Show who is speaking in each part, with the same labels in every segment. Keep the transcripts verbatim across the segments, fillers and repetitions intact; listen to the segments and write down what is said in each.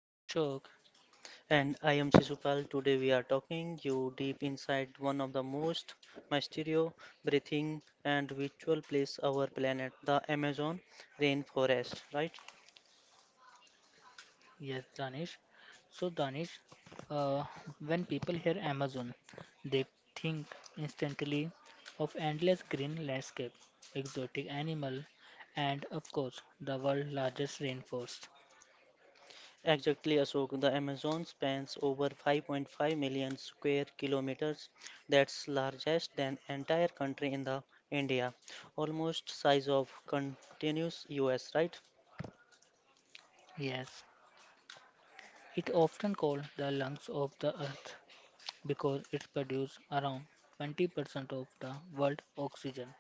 Speaker 1: I am Ashok.
Speaker 2: And I am Shishupal. Today we are talking you deep inside one of the most mysterious breathing and virtual place our planet, the Amazon rainforest. Right?
Speaker 1: Yes, Danish. So Danish, uh, when people hear Amazon, they think instantly of endless green landscape, exotic animal, and of course the world's largest rainforest.
Speaker 2: Exactly, Ashok. The Amazon spans over five point five million square kilometers. That's largest than entire country in the India, almost size of continuous U S. Right?
Speaker 1: Yes, it often called the lungs of the earth because it produces around twenty percent of the world oxygen.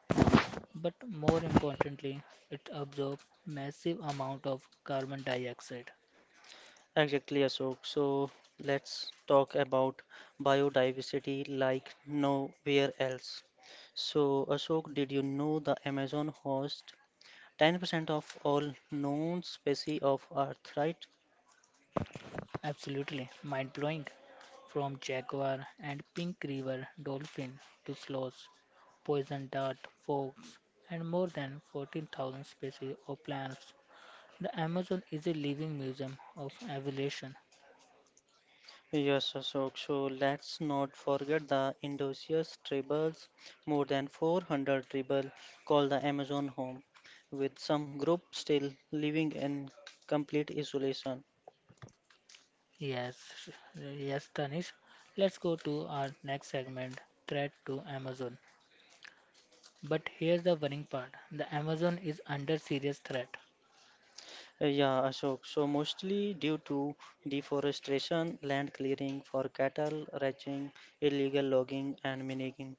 Speaker 1: But more importantly, it absorbs massive amount of carbon dioxide.
Speaker 2: Exactly, Ashok. So let's talk about biodiversity like nowhere else. So, Ashok, did you know the Amazon hosts ten percent of all known species of Earth, right?
Speaker 1: Absolutely mind-blowing. From jaguar and pink river dolphin to sloths, poison dart, fox, and more than fourteen thousand species of plants. The Amazon is a living museum of evolution.
Speaker 2: Yes, Ashok. So let's not forget the indigenous tribes. More than four hundred tribes call the Amazon home, with some groups still living in complete isolation.
Speaker 1: Yes, sh- yes, Tanish. Let's go to our next segment, threat to Amazon. But here's the worrying part. The Amazon is under serious threat.
Speaker 2: Uh, Yeah, Ashok. So mostly due to deforestation, land clearing for cattle ranching, illegal logging and mining.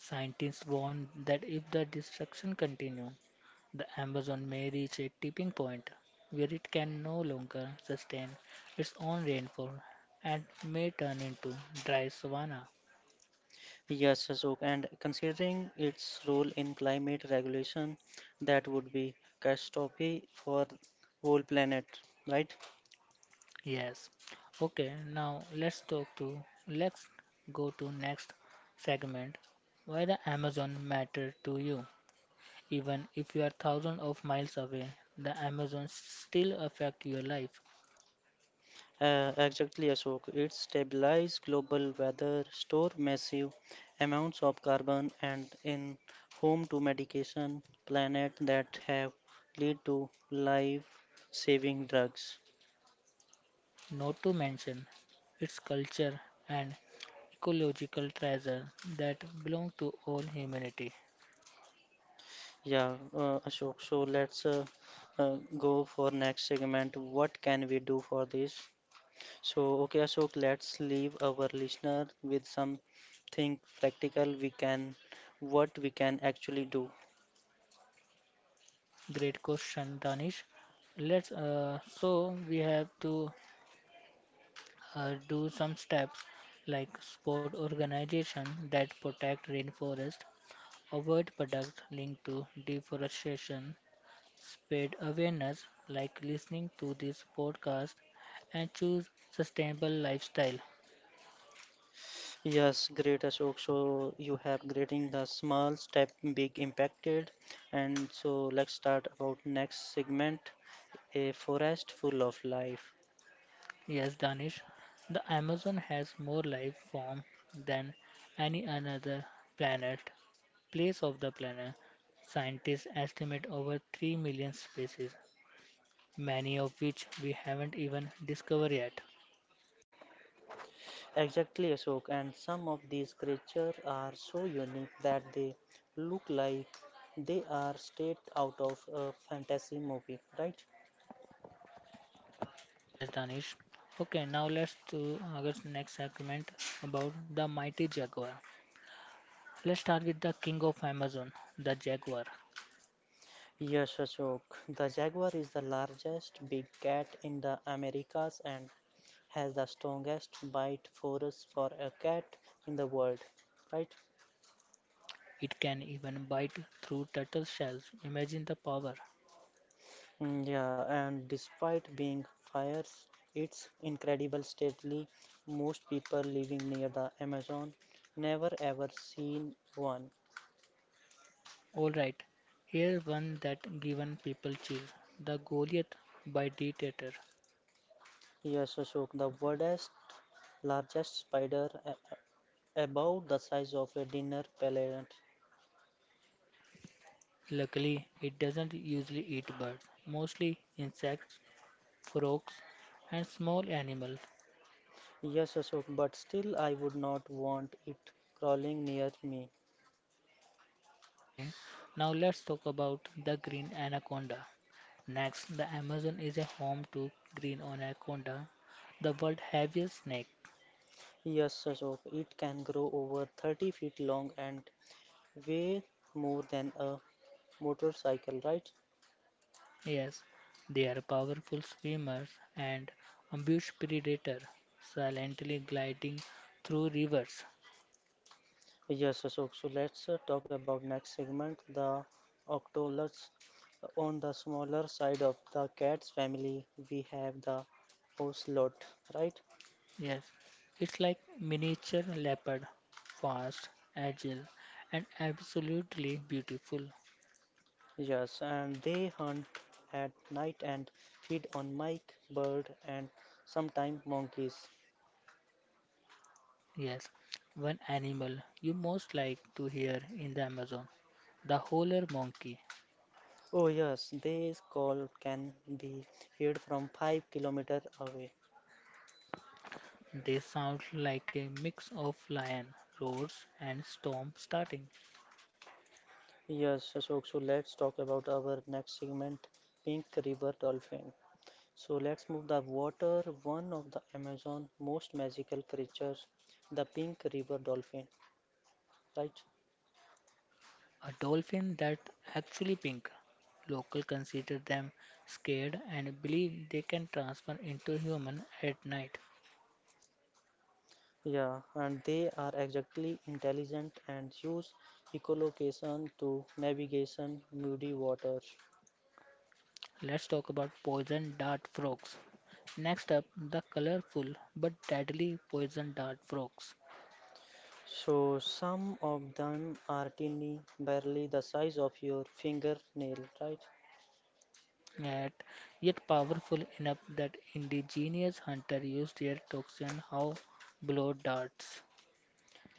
Speaker 1: Scientists warn that if the destruction continues, the Amazon may reach a tipping point where it can no longer sustain its own rainfall and may turn into dry savanna.
Speaker 2: Yes, Ashok. And considering its role in climate regulation, that would be catastrophe for whole planet, right?
Speaker 1: Yes. Okay, now let's talk to let's go to next segment why the Amazon matter to you. Even if you are thousands of miles away, the Amazon still affect your life.
Speaker 2: Uh, exactly, Ashok. It stabilizes global weather, store massive amounts of carbon, and in home to medication planet that have lead to life-saving drugs.
Speaker 1: Not to mention its culture and ecological treasure that belong to all humanity?
Speaker 2: Yeah, uh, Ashok. So let's uh, uh, go for next segment. What can we do for this? So okay, Ashok. Let's leave our listener with something practical. We can, what we can actually do.
Speaker 1: Great question, Danish. Let's uh, so we have to uh, do some steps like support organization that protect rainforest, avoid products linked to deforestation, spread awareness like listening to this podcast, and choose sustainable lifestyle.
Speaker 2: Yes, great Ashok. So you have grading the small step, big impacted. And so let's start about next segment, a forest full of life.
Speaker 1: Yes, Danish, the Amazon has more life form than any another planet, place of the planet. Scientists estimate over three million species, many of which we haven't even discovered yet.
Speaker 2: Exactly, Ashok. And some of these creatures are so unique that they look like they are straight out of a fantasy movie, right?
Speaker 1: Yes, Danish. Okay, now let's do our next segment about the mighty jaguar. Let's start with the king of Amazon, the jaguar.
Speaker 2: Yes, Ashok. The jaguar is the largest big cat in the Americas and has the strongest bite force for a cat in the world, right?
Speaker 1: It can even bite through turtle shells. Imagine the power.
Speaker 2: Mm, Yeah, and despite being fierce, it's incredible stately. Most people living near the Amazon never ever seen one.
Speaker 1: Alright, here's one that given people chill. The Goliath by Dictator.
Speaker 2: Yes, Ashok, the world's largest spider, a- a- about the size of a dinner pellet.
Speaker 1: Luckily, it doesn't usually eat birds, mostly insects, frogs, and small animals.
Speaker 2: Yes, Ashok, but still I would not want it crawling near me.
Speaker 1: Okay, now let's talk about the green anaconda. Next, the Amazon is a home to green anaconda, the world's heaviest snake.
Speaker 2: Yes, Ashok, it can grow over thirty feet long and way more than a motorcycle, right?
Speaker 1: Yes, they are powerful swimmers and ambush predator, silently gliding through rivers.
Speaker 2: Yes, so, so let's uh, talk about next segment, the octolots. On the smaller side of the cat's family, we have the ocelot, right?
Speaker 1: Yes, it's like miniature leopard, fast, agile, and absolutely beautiful.
Speaker 2: Yes, and they hunt at night and feed on mike, bird, and sometimes monkeys.
Speaker 1: Yes, one animal you most like to hear in the Amazon, the howler monkey.
Speaker 2: Oh yes, this call can be heard from five kilometers away.
Speaker 1: They sound like a mix of lion roars and storm starting.
Speaker 2: Yes, Ashok. So let's talk about our next segment, Pink River Dolphin. So let's move the water, one of the Amazon most magical creatures, the Pink River Dolphin, right?
Speaker 1: A dolphin that actually pink. Local consider them scared and believe they can transform into human at night.
Speaker 2: Yeah, and they are exactly intelligent and use echolocation to navigation muddy waters.
Speaker 1: Let's talk about poison dart frogs. Next up, the colorful but deadly poison dart frogs,
Speaker 2: So some of them are tiny, barely the size of your fingernail, right?
Speaker 1: yet, yet powerful enough that indigenous hunters used their toxin how blow darts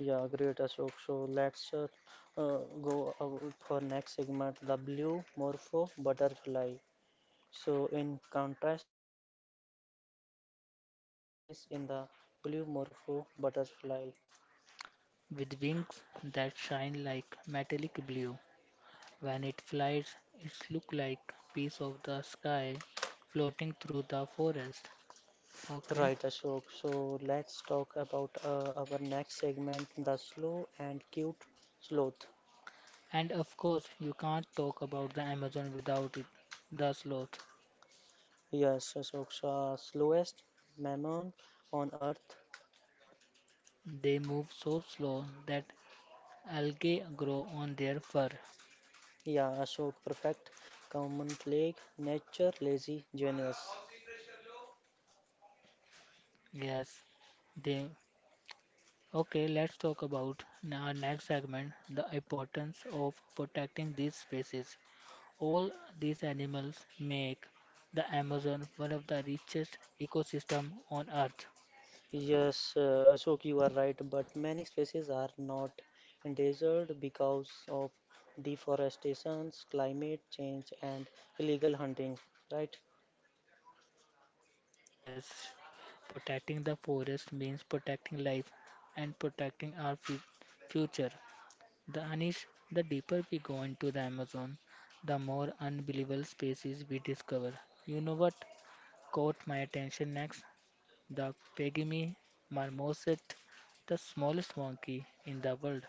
Speaker 2: Yeah, great Ashok. So let's uh, uh, go out for next segment, the blue morpho butterfly. So in contrast, one of the most peaceful species in the blue morpho butterfly.
Speaker 1: with wings that shine like metallic blue. When it flies, it looks like piece of the sky floating through the forest. Okay,
Speaker 2: Right, Ashok. So let's talk about uh, our next segment, the slow and cute sloth.
Speaker 1: and of course you can't talk about the Amazon without it. The sloth.
Speaker 2: Yes, Ashok, so uh, slowest mammal on earth.
Speaker 1: They move so slow that Algae grow on their fur.
Speaker 2: Yeah, Ashok, perfect. Common plague, nature, lazy, genius.
Speaker 1: Yes, they. Okay, let's talk about n- our next segment, the importance of protecting these species. All these animals make the Amazon one of the richest ecosystem on earth.
Speaker 2: Yes, uh, Ashok, you are right, but many species are not endangered because of deforestation, climate change, and illegal hunting, right?
Speaker 1: Yes, protecting the forest means protecting life and protecting our fu- future. The Anish, the deeper we go into the Amazon, the more unbelievable species we discover. You know what? Caught my attention next the Pygmy marmoset, the smallest monkey in the world.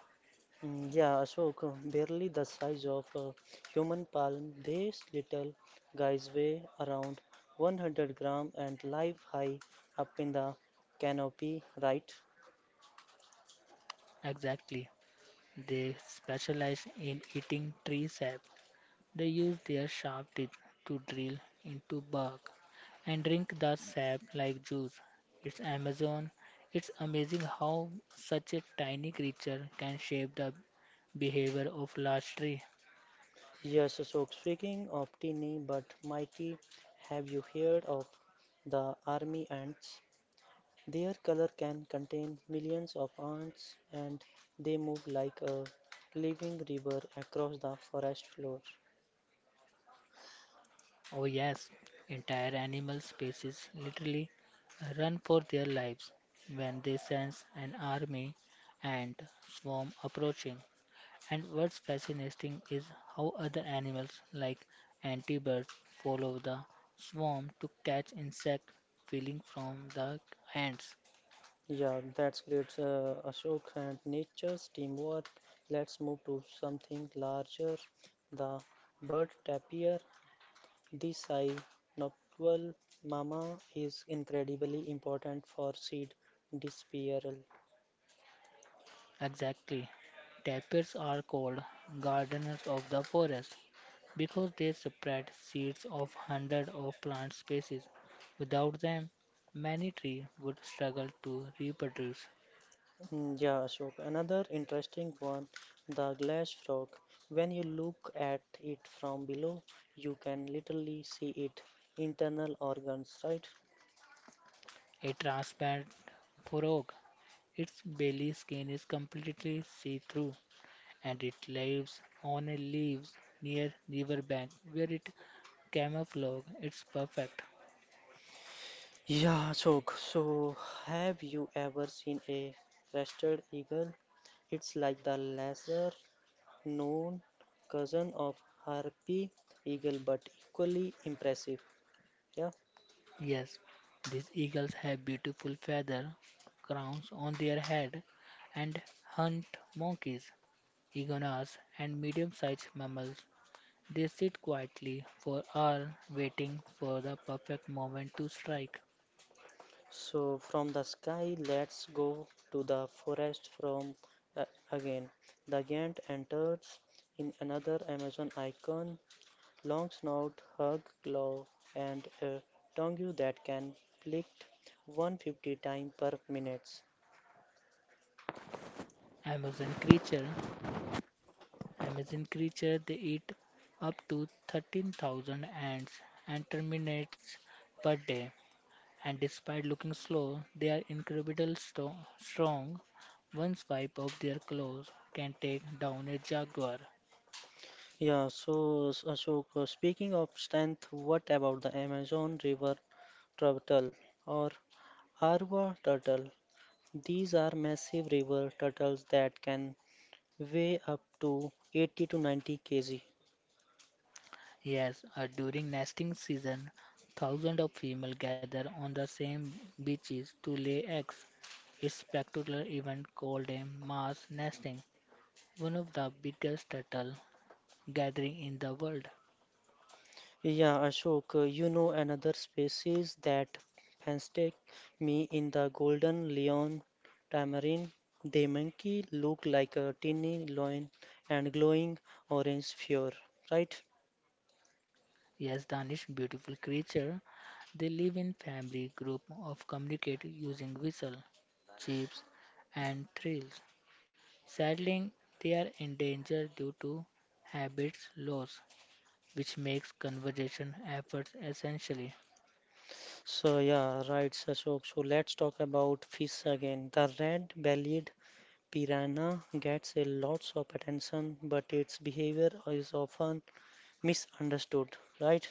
Speaker 2: Mm, yeah, Ashok, uh, barely the size of a human palm, these little guys weigh around one hundred grams and live high up in the canopy, right?
Speaker 1: Exactly. They specialize in eating tree sap. They use their sharp teeth to drill into bark and drink the sap like juice. It's Amazon. It's amazing how such a tiny creature can shape the behavior of large tree.
Speaker 2: Yes, Ashok, speaking of teeny but mighty, have you heard of the army ants? Their color can contain millions of ants and they move like a living river across the forest floor.
Speaker 1: Oh, yes, entire animal species literally run for their lives when they sense an army and swarm approaching. And what's fascinating is how other animals, like antibirds, follow the swarm to catch insect feeding from the ants.
Speaker 2: Yeah, that's great, uh, Ashok. And nature's teamwork. Let's move to something larger. The bird tapir, the nocturnal mama, is incredibly important for seed dispersal.
Speaker 1: Exactly. Tapirs are called gardeners of the forest because they spread seeds of hundreds of plant species. Without them, many trees would struggle to reproduce.
Speaker 2: Mm, Yeah, Ashok. Another interesting one, the glass frog. When you look at it from below, you can literally see its internal organs, right?
Speaker 1: A transparent frog, its belly skin is completely see-through, and it lives on a leaves near riverbank where it camouflage its perfect.
Speaker 2: Yeah, Ashok. So, have you ever seen a crested eagle? It's like the lesser known cousin of harpy eagle, but equally impressive. Yeah.
Speaker 1: Yes, these eagles have beautiful feather crowns on their head and hunt monkeys iguanas, and medium-sized mammals. They sit quietly for hours waiting for the perfect moment to strike.
Speaker 2: So from the sky, let's go to the forest from uh, again. The giant enters in another Amazon icon, long snout, hug, claw, and a tongue that can flick one hundred fifty times per minute.
Speaker 1: Amazon creature Amazon creature they eat up to thirteen thousand ants and termites per day. And despite looking slow, they are incredibly sto- strong. One swipe of their claws can take down a jaguar.
Speaker 2: Yeah, so so Ashok, uh, speaking of strength, what about the Amazon River turtle or Arva turtle? These are massive river turtles that can way up to eighty to ninety kilograms.
Speaker 1: Yes, uh, during nesting season, thousands of female gather on the same beaches to lay eggs. It's spectacular event called a mass nesting, one of the biggest turtle gathering in the world.
Speaker 2: Yeah, Ashok, uh, you know another species that fascinate me in the golden lion tamarin. They monkey look like a tiny lion and glowing orange fur, right?
Speaker 1: Yes, Danish, beautiful creature. They live in family group of communicate using whistle, chips, and trills. Sadly, they are endangered due to habits loss, which makes conservation efforts essential.
Speaker 2: So yeah, right, Ashok. So let's talk about fish again. The red-bellied piranha gets a lot of attention, but its behavior is often misunderstood, right?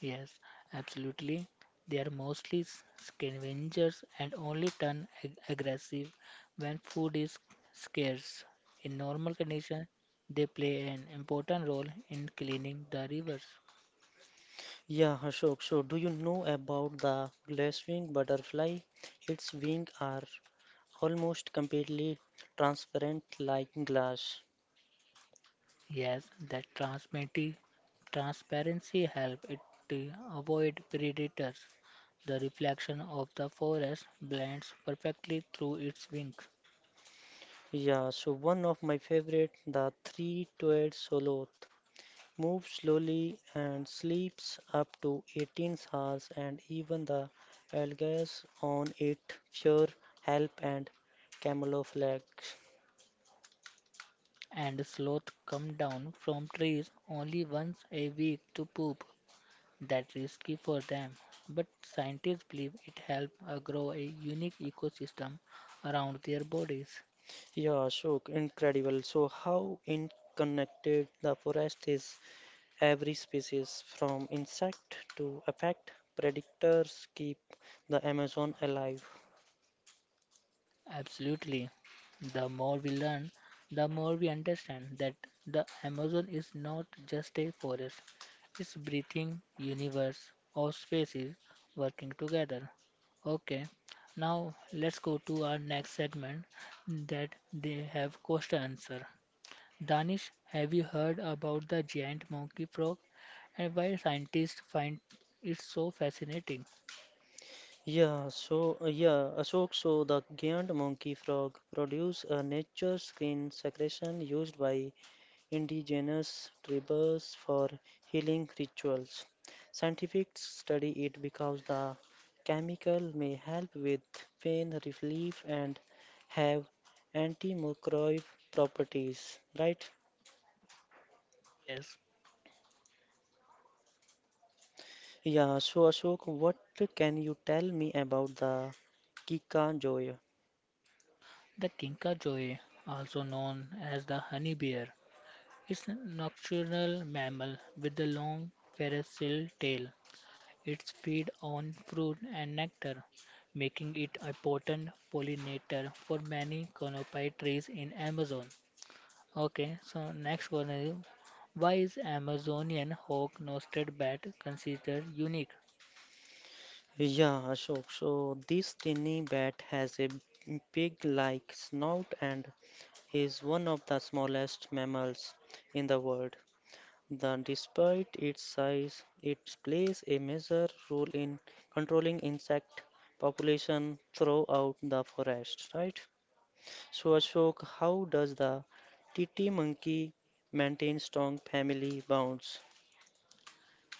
Speaker 1: Yes, absolutely. They are mostly s- scavengers and only turn ag- aggressive when food is scarce. In normal conditions, they play an important role in cleaning the rivers.
Speaker 2: Yeah, Ashok. So, do you know about the glasswing butterfly? Its wings are almost completely transparent like glass.
Speaker 1: Yes, that transmiti- transparency help it to avoid predators. The reflection of the forest blends perfectly through its wings,
Speaker 2: Yeah, so one of my favorite, the three-toed soloth, moves slowly and sleeps up to eighteen hours, and even the algae on it sure help and camouflage.
Speaker 1: and sloth come down from trees only once a week to poop. That risky for them, but scientists believe it helps uh, grow a unique ecosystem around their bodies.
Speaker 2: Yeah, so incredible. So how interconnected the forest is. Every species, from insect to effect predators, keep the Amazon alive.
Speaker 1: Absolutely. The more we learn, the more we understand that the Amazon is not just a forest, it's breathing universe of species working together. Okay, now let's go to our next segment that they have question answer. Danish, have you heard about the giant monkey frog and why scientists find it so fascinating?
Speaker 2: Yeah, so uh, yeah, Ashok, so the giant monkey frog produce a nature skin secretion used by indigenous tribes for healing rituals. Scientists study it because the chemical may help with pain relief and have antimicrobial properties, right?
Speaker 1: Yes,
Speaker 2: Yeah, so Ashok, what can you tell me about the Kika Joy?
Speaker 1: the kinkajou, also known as the honey bear, is a nocturnal mammal with a long ferocial tail. It feeds on fruit and nectar, making it a potent pollinator for many canopy trees in Amazon. Okay, so next one is why is Amazonian hawk-nosed bat considered unique?
Speaker 2: Yeah, Ashok, so this tiny bat has a pig-like snout and is one of the smallest mammals in the world. The, despite its size, it plays a major role in controlling insect population throughout the forest, right? So Ashok, how does the titi monkey maintain strong family bonds?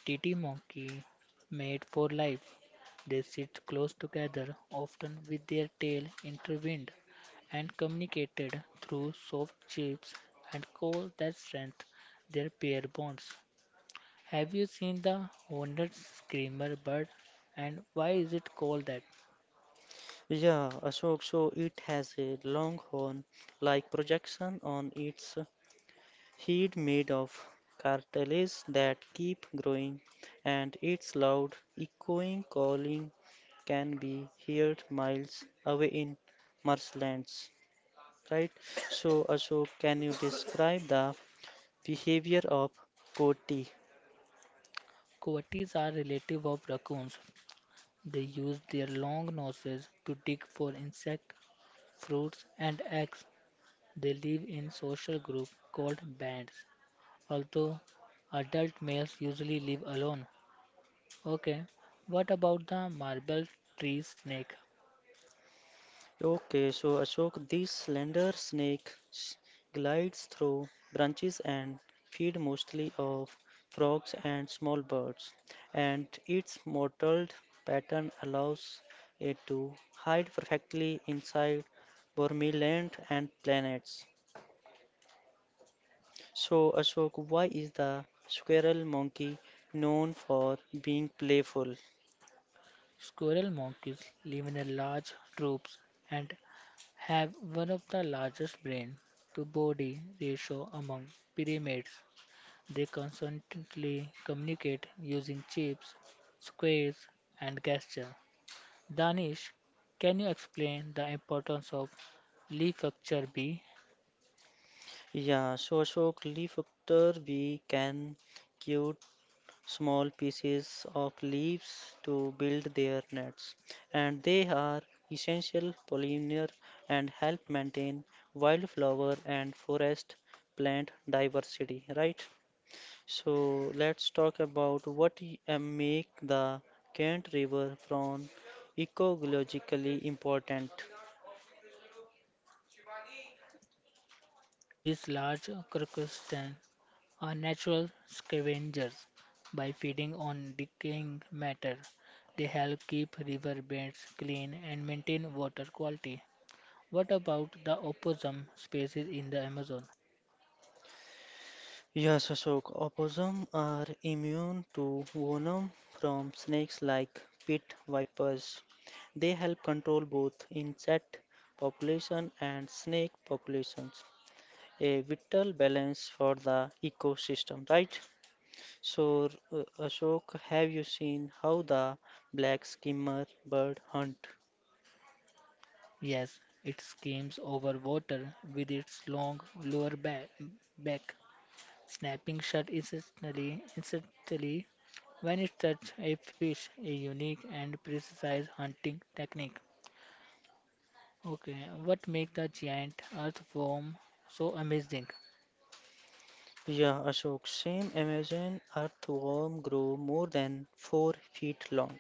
Speaker 1: Titi monkey mate for life. They sit close together, often with their tail intertwined, and communicated through soft chips and call that strength their pair bonds. Have you seen the horned screamer bird and why is it called that?
Speaker 2: Yeah, Ashok, so it has a long horn like projection on its head made of cartilage that keep growing, and its loud, echoing calling can be heard miles away in marshlands. Right? So, Ashok, can you describe the behavior of coati?
Speaker 1: Coatis are relative of raccoons. They use their long noses to dig for insects, fruits, and eggs. They live in social groups called bands, although adult males usually live alone. Okay, what about the marble tree snake?
Speaker 2: Okay, so Ashok, this slender snake s- glides through branches and feed mostly of frogs and small birds, and its mottled pattern allows it to hide perfectly inside Burmiland and planets. So Ashok, why is the squirrel monkey known for being playful?
Speaker 1: Squirrel monkeys live in a large troops and have one of the largest brain to body ratio among primates. They constantly communicate using chips, squares, and gesture. Danish, can you explain the importance of leaf Leafcatcher bee?
Speaker 2: Yeah, so Ashok, Leafcutter bee can cure small pieces of leaves to build their nets, and they are essential pollinator and help maintain wildflower and forest plant diversity, right? So let's talk about what y- uh, make the Kent River from ecologically important.
Speaker 1: These large crustaceans are natural scavengers. By feeding on decaying matter, they help keep river beds clean and maintain water quality. What about the opossum species in the Amazon?
Speaker 2: Yes, Ashok. Opossum are immune to venom from snakes like pit vipers. They help control both insect population and snake populations. A vital balance for the ecosystem, right? So, uh, Ashok, have you seen how the black skimmer bird hunt?
Speaker 1: Yes, it skims over water with its long lower ba- back, snapping shut instantly, instantly when it's such a fish, a unique and precise hunting technique. Okay, what makes the giant earthworm so amazing?
Speaker 2: Yeah, Ashok, same Amazon earthworm grow more than four feet long.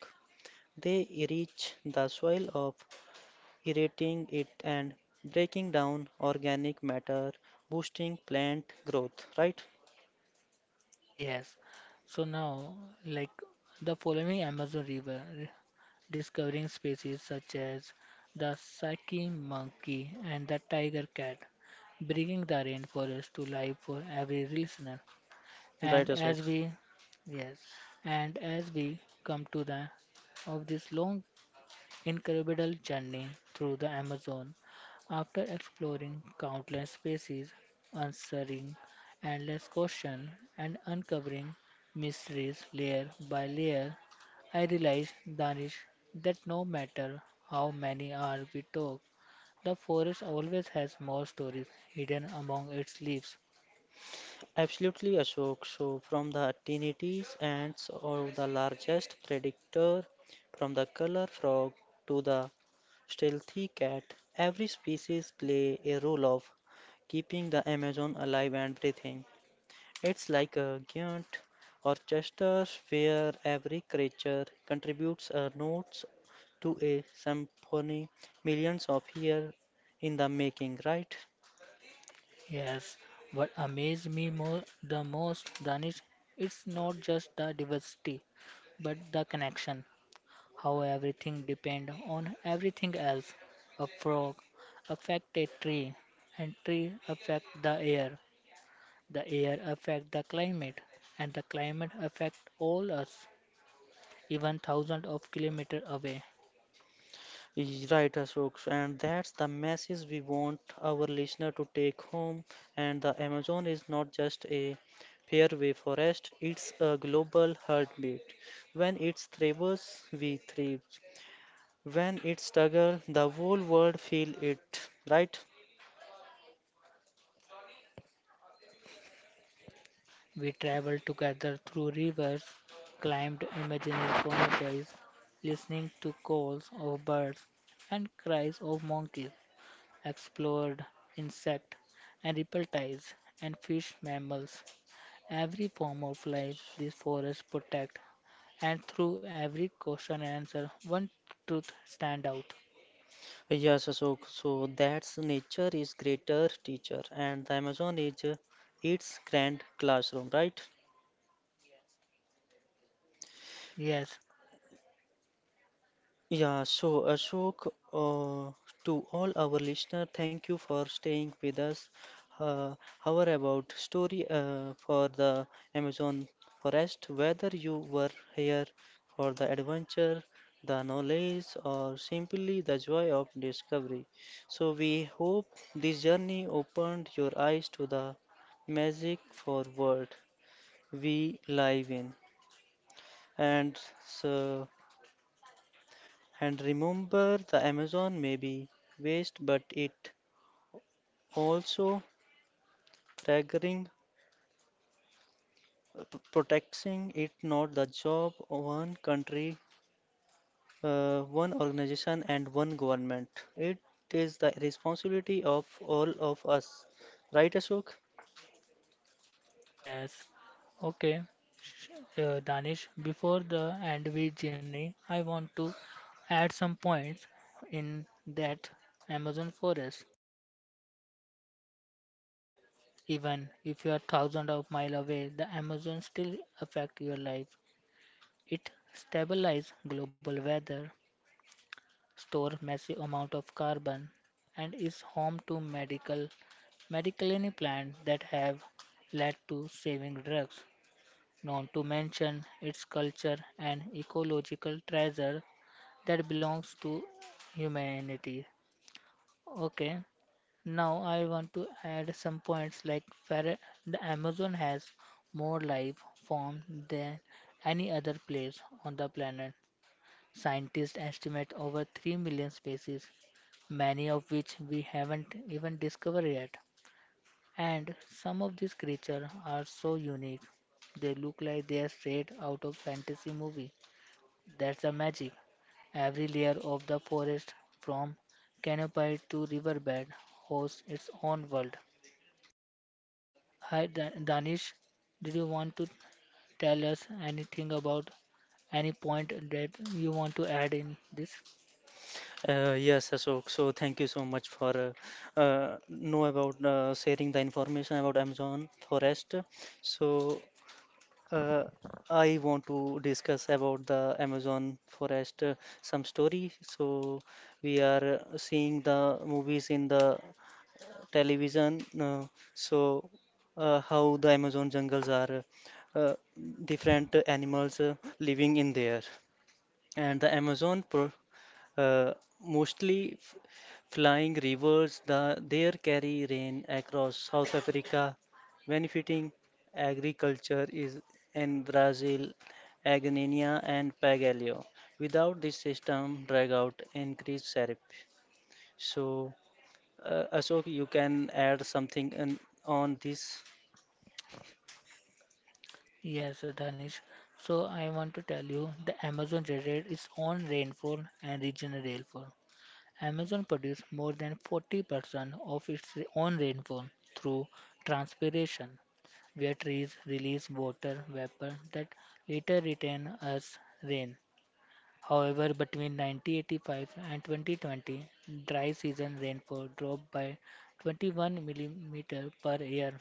Speaker 2: They reach the soil of aerating it and breaking down organic matter, boosting plant growth, right?
Speaker 1: Yes. So now, like the following Amazon River, re- discovering species such as the saki monkey and the tiger cat, bringing the rainforest to life for every listener.
Speaker 2: Right,
Speaker 1: And as
Speaker 2: Ashok.
Speaker 1: we, yes, and as we come to the of this long incredible journey through the Amazon. After exploring countless species, answering endless questions, and uncovering mysteries layer by layer, I realized, Danish, that no matter how many hours we talk, the forest always has more stories hidden among its leaves.
Speaker 2: Absolutely, Ashok. So, from the tinnitus ants are the largest predictor, from the color frog to the stealthy cat, every species play a role of keeping the Amazon alive and breathing. It's like a giant orchestra where every creature contributes a note to a symphony millions of years in the making, right?
Speaker 1: Yes, what amazed me more the most, Danish, it's not just the diversity, but the connection. How everything depend on everything else. A frog affect a tree, and tree affect the air. The air affect the climate, and the climate affect all us, even thousands of kilometers away.
Speaker 2: Y- Right, Ashok. And that's the message we want our listener to take home. And the Amazon is not just a fairway forest, it's a global heartbeat. When it thrives, we thrive. When it struggles, the whole world feels it, right?
Speaker 1: We travel together through rivers, climbed imaginary canopies, listening to calls of birds and cries of monkeys, explored insect and reptiles and fish mammals, every form of life these forests protect, and through every question and answer, one truth stand out.
Speaker 2: Yes, so so so that's nature is greater teacher, and the Amazon is uh, its grand classroom, right?
Speaker 1: Yes,
Speaker 2: Yeah, so Ashok, uh, to all our listener, thank you for staying with us. Uh, our about story uh, for the Amazon forest. Whether you were here for the adventure, the knowledge, or simply the joy of discovery, so we hope this journey opened your eyes to the magic for world we live in. And so. And remember, the Amazon may be waste, but it also triggering p- protecting it not the job of one country, uh, one organization, and one government. It is the responsibility of all of us. Right, Ashok?
Speaker 1: yes. Okay, Sh- uh, Danish, before the end we journey, I want to add some points in that Amazon forest. Even if you are thousands of miles away, the Amazon still affect your life. It stabilizes global weather, store massive amount of carbon and is home to medical medicaliny plants that have led to saving drugs, not to mention its culture and ecological treasure that belongs to humanity. Okay, now I want to add some points like ferre- the Amazon has more life form than any other place on the planet. Scientists estimate over three million species, many of which we haven't even discovered yet. And some of these creatures are so unique, they look like they are straight out of fantasy movie. That's the magic. Every layer of the forest, from canopy to riverbed, hosts its own world. Hi, Da- Danish, did you want to tell us anything about any point that you want to add in this?
Speaker 2: Uh, yes, Ashok. So thank you so much for uh, uh, know about uh, sharing the information about Amazon forest. So Uh, I want to discuss about the Amazon forest uh, some story. So we are uh, seeing the movies in the television. Uh, so uh, how the Amazon jungles are uh, different animals uh, living in there, and the Amazon pro uh, mostly f- flying rivers, the, there carry rain across South Africa, benefiting agriculture is in Brazil, Agnenia and Pagalio. Without this system, drought out increased. So, uh, Ashok, you can add something in, on this.
Speaker 1: Yes, Danish. So I want to tell you the Amazon generates its own rainfall and regional rainfall. Amazon produces more than forty percent of its own rainfall through transpiration, where trees release water vapor that later return as rain. However, between nineteen eighty-five and twenty twenty, dry season rainfall dropped by twenty-one millimeters per year.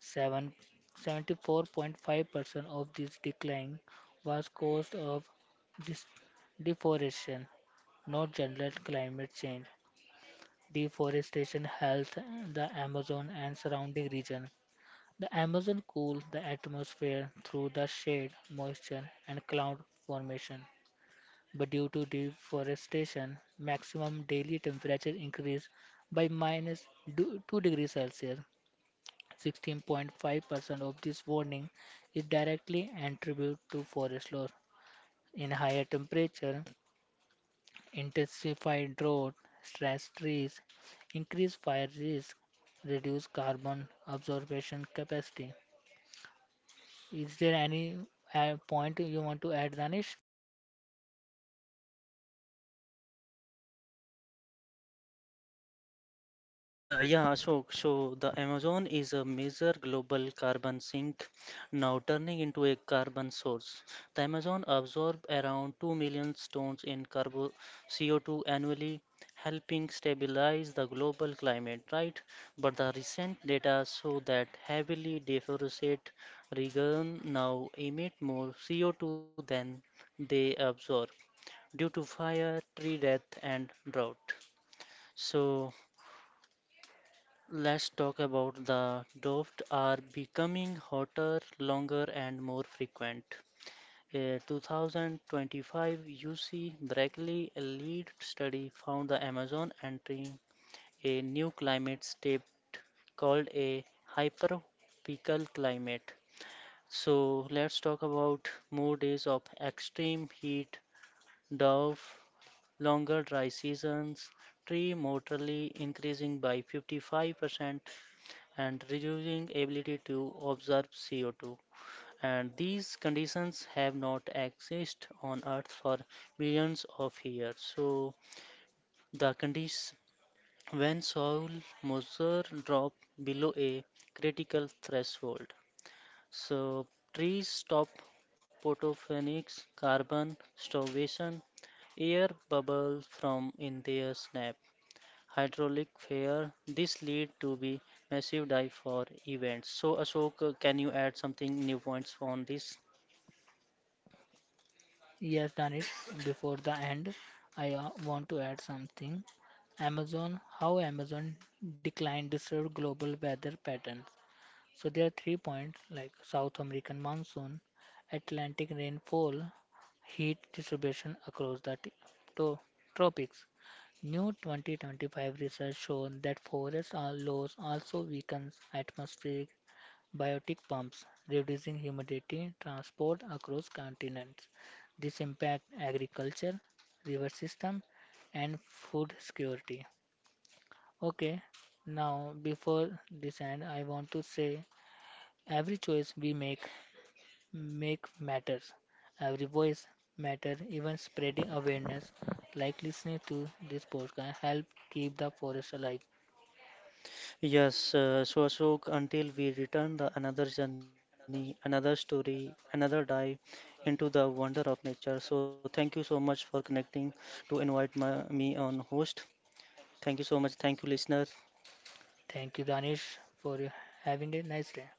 Speaker 1: Seven- seventy-four point five percent of this decline was caused of dis- deforestation, not general climate change. Deforestation helps the Amazon and surrounding region. The Amazon cools the atmosphere through the shade, moisture, and cloud formation, but due to deforestation, maximum daily temperature increased by minus du- two degrees Celsius. sixteen point five percent of this warning is directly attributed to forest loss. In higher temperature, intensified drought, stress trees, increased fire risk, reduced carbon absorption capacity. Is there any uh, point you want to add, Danish?
Speaker 2: Uh, yeah, so so the Amazon is a major global carbon sink, now turning into a carbon source. The Amazon absorbs around two million tons in carbo C O two annually, helping stabilize the global climate, right? But the recent data show that heavily deforested regions now emit more C O two than they absorb due to fire, tree death, and drought. So. Let's talk about the drought are becoming hotter, longer, and more frequent. A two thousand twenty-five U C Berkeley lead study found the Amazon entering a new climate state called a hypertropical climate. So let's talk about more days of extreme heat Dove, longer dry seasons, tree mortality increasing by fifty-five percent and reducing ability to absorb C O two. And these conditions have not existed on Earth for billions of years. So the condition when soil moisture drop below a critical threshold so, trees stop photophonic's carbon starvation, air bubble from in their snap. Hydraulic failure. This lead to be massive dive for events. So Ashok, uh, can you add something new points on this?
Speaker 1: Yes, done it before the end, I uh, want to add something. Amazon, how Amazon decline disturb global weather patterns. So there are three points like South American monsoon, Atlantic rainfall, heat distribution across the t- to- tropics. New twenty twenty-five research shown that forest are- loss also weakens atmospheric biotic pumps, reducing humidity transport across continents. This impacts agriculture, river system, and food security. Okay, now before this end, I want to say every choice we make make matters. Every voice matter. Even spreading awareness, like listening to this podcast, help keep the forest alive.
Speaker 2: Yes. Uh, so Ashok, until we return the another journey, another story, another dive into the wonder of nature. So thank you so much for connecting to invite my, me on host. Thank you so much. Thank you, listener.
Speaker 1: Thank you, Danish, for having a nice day.